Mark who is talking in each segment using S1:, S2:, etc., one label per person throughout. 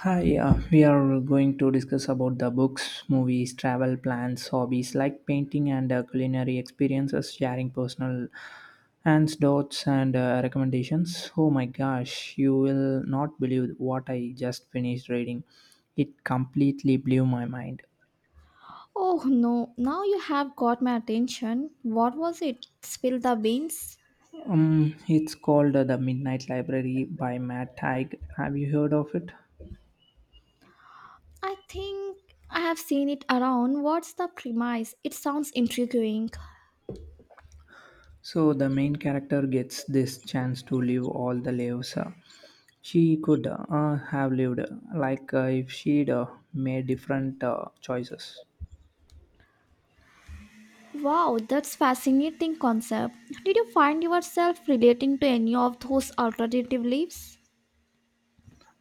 S1: Hi, we are going to discuss about the books, movies, travel plans, hobbies like painting and culinary experiences, sharing personal and dots and recommendations. Oh my gosh, you will not believe what I just finished reading. It completely blew my mind.
S2: Oh no, now you have got my attention. What was it? Spill the beans?
S1: It's called The Midnight Library by Matt Haig. Have you heard of it?
S2: I think I have seen it around. What's the premise? It sounds intriguing.
S1: So the main character gets this chance to live all the lives she could have lived, if she'd made different choices.
S2: Wow, that's fascinating concept. Did you find yourself relating to any of those alternative beliefs?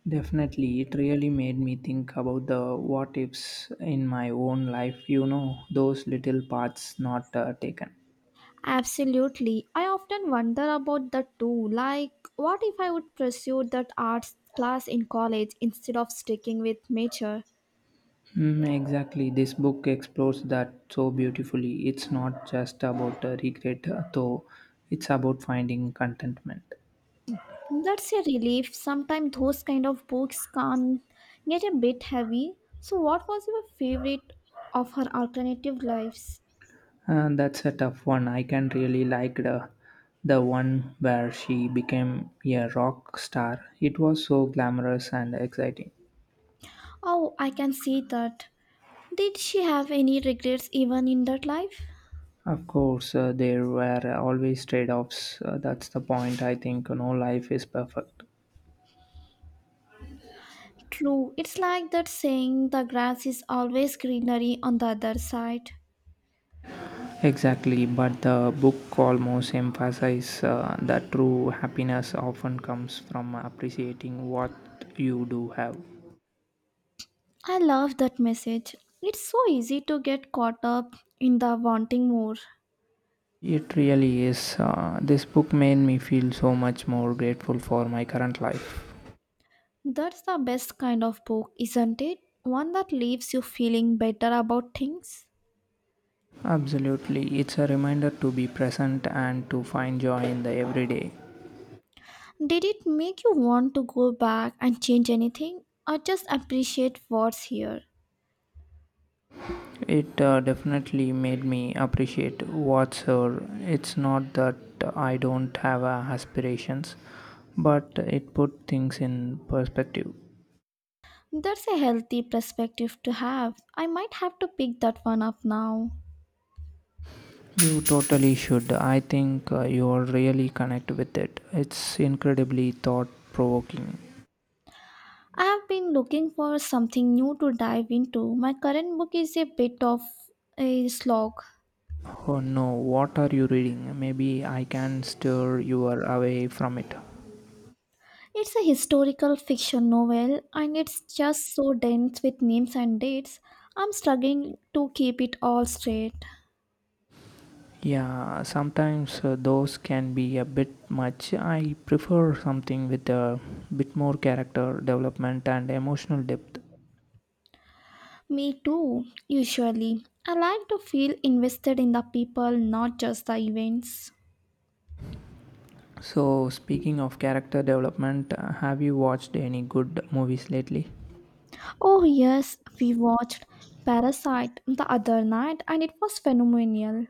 S1: Definitely, it really made me think about the what ifs in my own life, those little paths not taken.
S2: Absolutely. I often wonder about that too. Like, what if I would pursue that arts class in college instead of sticking with nature?
S1: Mm, exactly, this book explores that so beautifully. It's not just about regret, though, it's about finding contentment.
S2: That's a relief. Sometimes those kind of books can get a bit heavy. So, what was your favorite of her alternative lives?
S1: That's a tough one. I can really like the one where she became a rock star. It was so glamorous and exciting.
S2: Oh, I can see that. Did she have any regrets even in that life?
S1: Of course, there were always trade-offs. That's the point. I think no life is perfect.
S2: True, it's like that saying the grass is always greenery on the other side.
S1: Exactly, but the book almost emphasizes that true happiness often comes from appreciating what you do have.
S2: I love that message. It's so easy to get caught up in the wanting more.
S1: It really is. This book made me feel so much more grateful for my current life.
S2: That's the best kind of book, isn't it? One that leaves you feeling better about things.
S1: Absolutely, it's a reminder to be present and to find joy in the everyday.
S2: Did it make you want to go back and change anything or just appreciate what's here?
S1: It definitely made me appreciate what's here. It's not that I don't have aspirations, but it put things in perspective.
S2: That's a healthy perspective to have. I might have to pick that one up now.
S1: You totally should. I think you're really connect with it. It's incredibly thought provoking.
S2: I have been looking for something new to dive into. My current book is a bit of a slog.
S1: Oh no, what are you reading? Maybe I can steer you away from it.
S2: It's a historical fiction novel and it's just so dense with names and dates. I'm struggling to keep it all straight.
S1: Yeah, sometimes those can be a bit much. I prefer something with a bit more character development and emotional depth.
S2: Me too, usually. I like to feel invested in the people, not just the events.
S1: So, speaking of character development, have you watched any good movies lately?
S2: Oh, yes, we watched Parasite the other night and it was phenomenal.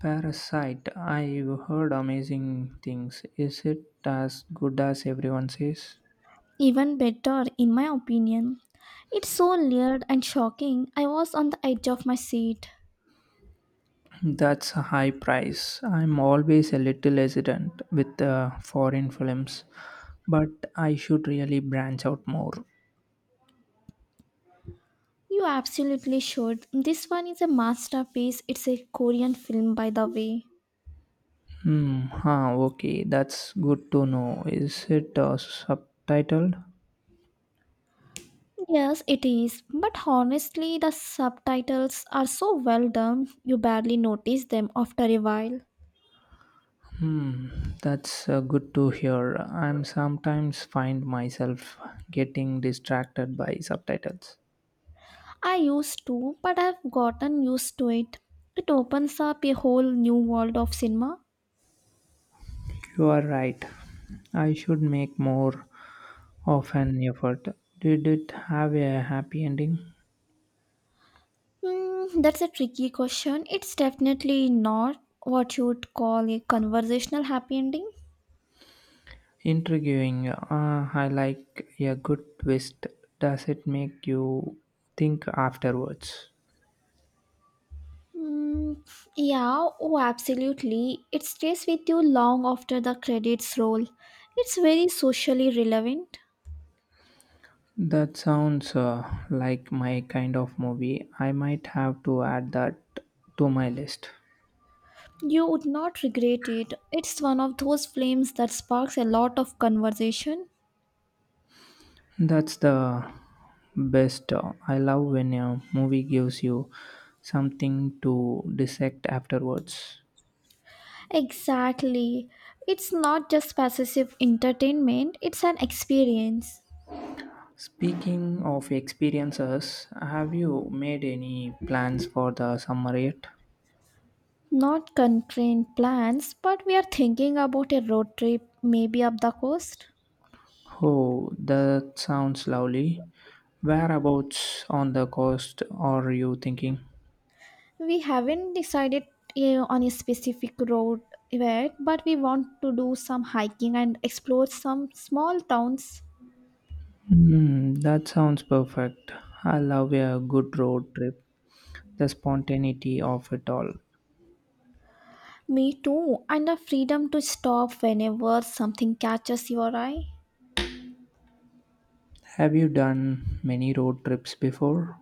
S1: Parasite, I've heard amazing things. Is it as good as everyone says?
S2: Even better, in my opinion. It's so layered and shocking. I was on the edge of my seat.
S1: That's a high price. I'm always a little hesitant with foreign films, but I should really branch out more.
S2: You absolutely should. This one is a masterpiece. It's a Korean film, by the way.
S1: Hmm. Huh, okay, that's good to know. Is it subtitled?
S2: Yes, it is. But honestly, the subtitles are so well done, you barely notice them after a while.
S1: Hmm. That's good to hear. I'm sometimes find myself getting distracted by subtitles.
S2: I used to, but I've gotten used to it. It opens up a whole new world of cinema.
S1: You are right. I should make more of an effort. Did it have a happy ending?
S2: Hmm, that's a tricky question. It's definitely not what you would call a conversational happy ending.
S1: Intriguing. I like a good twist. Does it make you think afterwards?
S2: Hmm, yeah, oh, absolutely. It stays with you long after the credits roll. It's very socially relevant.
S1: That sounds like my kind of movie. I might have to add that to my list.
S2: You would not regret it. It's one of those flames that sparks a lot of conversation.
S1: That's the best. I love when a movie gives you something to dissect afterwards.
S2: Exactly. It's not just passive entertainment, it's an experience.
S1: Speaking of experiences, have you made any plans for the summer yet?
S2: Not concrete plans, but we are thinking about a road trip, maybe up the coast.
S1: Oh, that sounds lovely. Whereabouts on the coast are you thinking?
S2: We haven't decided on a specific road yet, but we want to do some hiking and explore some small towns.
S1: Hmm, that sounds perfect. I love a good road trip, the spontaneity of it all.
S2: Me too, and the freedom to stop whenever something catches your eye.
S1: Have you done many road trips before?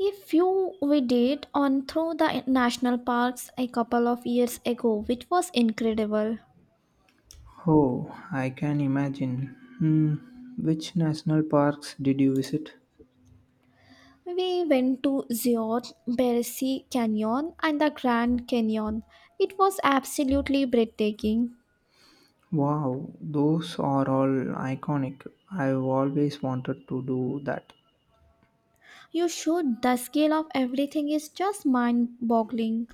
S2: A few we did on through the national parks a couple of years ago, which was incredible.
S1: Oh, I can imagine. Hmm, which national parks did you visit?
S2: We went to Zion, Beresi Canyon, and the Grand Canyon. It was absolutely breathtaking.
S1: Wow, those are all iconic. I've always wanted to do that.
S2: You should, the scale of everything is just mind boggling.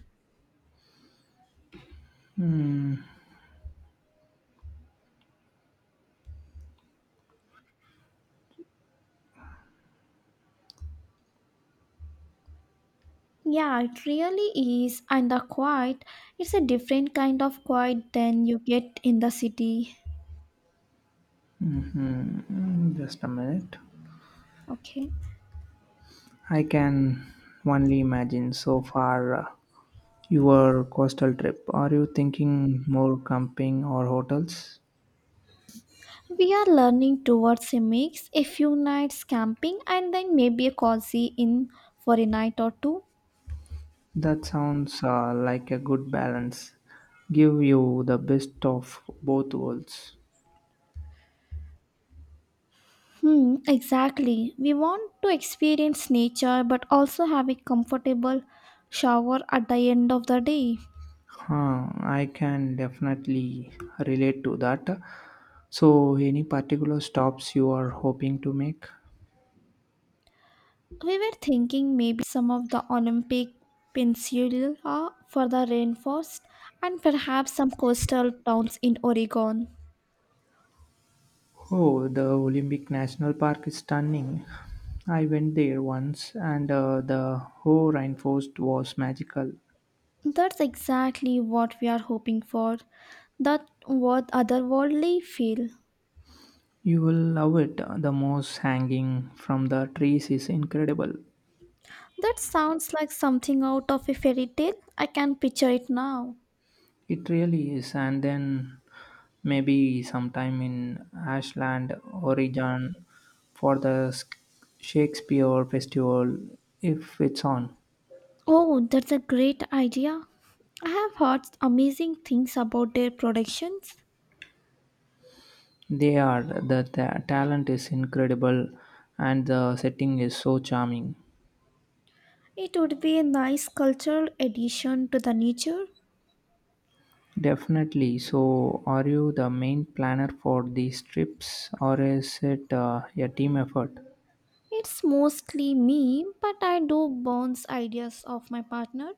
S2: Yeah, it really is, and the quiet it's a different kind of quiet than you get in the city.
S1: Mm-hmm. Just a minute.
S2: Okay.
S1: I can only imagine so far. Your coastal trip. Are you thinking more camping or hotels?
S2: We are learning towards a mix, a few nights camping and then maybe a cozy in for a night or two.
S1: That sounds like a good balance. Give you the best of both worlds.
S2: Hmm, exactly. We want to experience nature but also have a comfortable shower at the end of the day.
S1: Huh, I can definitely relate to that. So, any particular stops you are hoping to make?
S2: We were thinking maybe some of the Olympic Peninsula for the rainforest and perhaps some coastal towns in Oregon.
S1: Oh, the Olympic National Park is stunning. I went there once, and the whole rainforest was magical.
S2: That's exactly what we are hoping for. That what otherworldly feel.
S1: You will love it. The moss hanging from the trees is incredible.
S2: That sounds like something out of a fairy tale. I can picture it now.
S1: It really is. And then maybe sometime in Ashland, Oregon for the Shakespeare Festival if it's on.
S2: Oh, that's a great idea. I have heard amazing things about their productions.
S1: They are. The talent is incredible and the setting is so charming.
S2: It would be a nice cultural addition to the nature.
S1: Definitely. So, are you the main planner for these trips or is it a team effort?
S2: It's mostly me, but I do bounce ideas off my partner.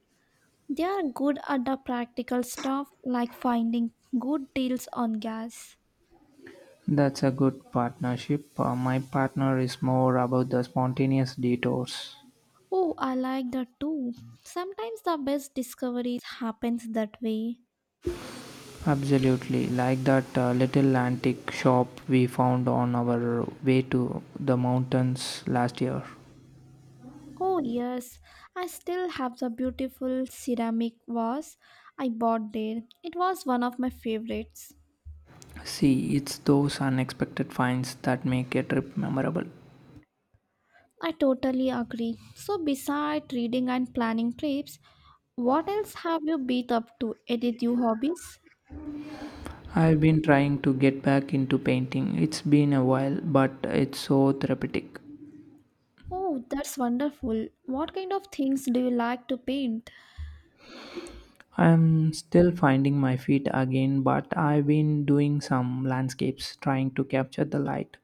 S2: They are good at the practical stuff like finding good deals on gas.
S1: That's a good partnership. My partner is more about the spontaneous detours.
S2: Oh, I like that too. Sometimes the best discoveries happens that way.
S1: Absolutely, like that little antique shop we found on our way to the mountains last year.
S2: Oh yes, I still have the beautiful ceramic vase I bought there. It was one of my favorites.
S1: See, it's those unexpected finds that make a trip memorable.
S2: I totally agree. So besides reading and planning trips, what else have you beat up to edit your hobbies?
S1: I've been trying to get back into painting. It's been a while, but it's so therapeutic.
S2: Oh, that's wonderful. What kind of things do you like to paint?
S1: I'm still finding my feet again, but I've been doing some landscapes, trying to capture the light.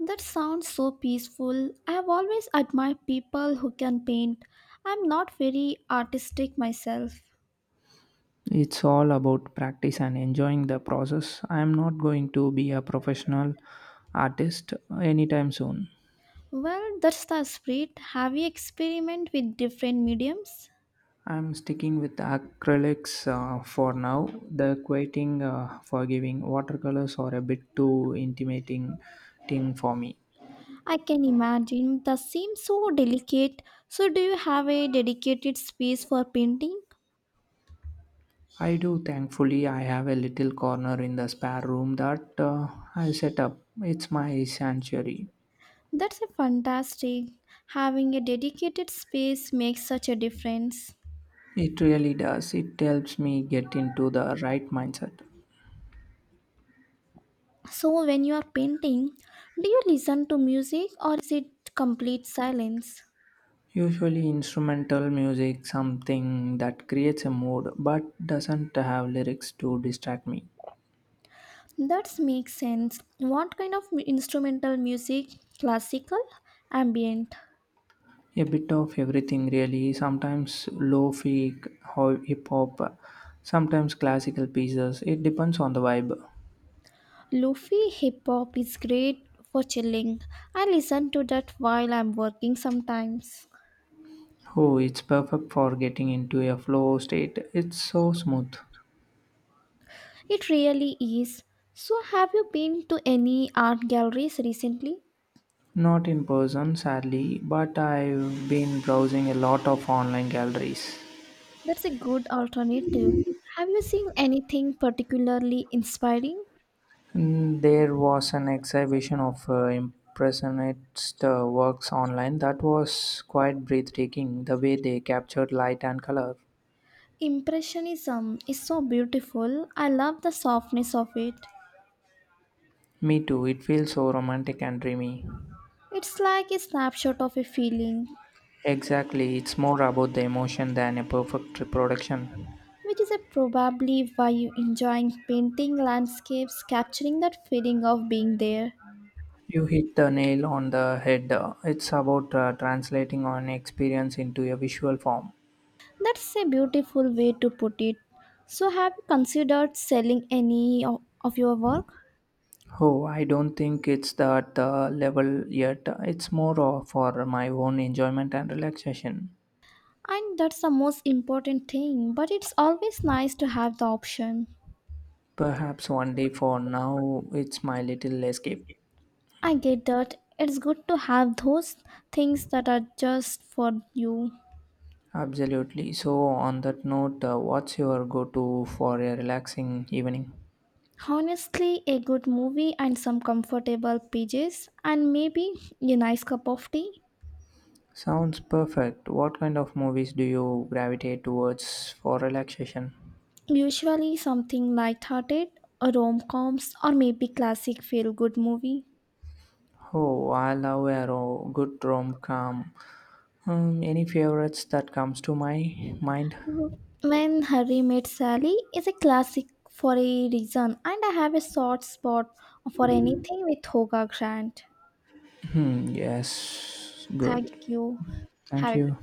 S2: That sounds so peaceful. I have always admired people who can paint. I'm not very artistic myself.
S1: It's all about practice and enjoying the process. I'm not going to be a professional artist anytime soon.
S2: Well, that's the spirit. Have you experimented with different mediums?
S1: I'm sticking with acrylics for now. The quieting, forgiving watercolors are a bit too intimidating thing for me.
S2: I can imagine. That seems so delicate. So, do you have a dedicated space for painting?
S1: I do, thankfully. I have a little corner in the spare room that I set up. It's my sanctuary.
S2: That's a fantastic. Having a dedicated space makes such a difference.
S1: It really does. It helps me get into the right mindset.
S2: So, when you are painting, do you listen to music or is it complete silence?
S1: Usually instrumental music, something that creates a mood but doesn't have lyrics to distract me.
S2: That makes sense. What kind of instrumental music? Classical, ambient.
S1: A bit of everything, really. Sometimes lo-fi, hip hop, sometimes classical pieces. It depends on the vibe.
S2: Lofi hip hop is great for chilling. I listen to that while I'm working sometimes.
S1: Oh, it's perfect for getting into a flow state. It's so smooth.
S2: It really is. So, have you been to any art galleries recently?
S1: Not in person, sadly, but I've been browsing a lot of online galleries.
S2: That's a good alternative. Have you seen anything particularly inspiring?
S1: Mm, there was an exhibition of impressionist works online that was quite breathtaking, the way they captured light and color.
S2: Impressionism is so beautiful. I love the softness of it.
S1: Me too, it feels so romantic and dreamy.
S2: It's like a snapshot of a feeling.
S1: Exactly, it's more about the emotion than a perfect reproduction.
S2: Which is a probably why you enjoying painting landscapes capturing that feeling of being there.
S1: You hit the nail on the head. It's about translating an experience into a visual form.
S2: That's a beautiful way to put it. So have you considered selling any of your work?
S1: Oh, I don't think it's that level yet. It's more for my own enjoyment and relaxation.
S2: And that's the most important thing, but it's always nice to have the option.
S1: Perhaps one day. For now, it's my little escape.
S2: I get that, it's good to have those things that are just for you.
S1: Absolutely. So, on that note, what's your go to for a relaxing evening?
S2: Honestly, a good movie and some comfortable pages, and maybe a nice cup of tea.
S1: Sounds perfect. What kind of movies do you gravitate towards for relaxation?
S2: Usually something light-hearted, a rom-coms, or maybe classic feel-good movie.
S1: Oh, I love a good rom com. Any favorites that comes to my mind?
S2: When Harry Met Sally is a classic for a reason, and I have a soft spot for anything with Hoga Grant.
S1: Hmm, yes, good.
S2: Thank you.
S1: Thank
S2: Have a good
S1: you.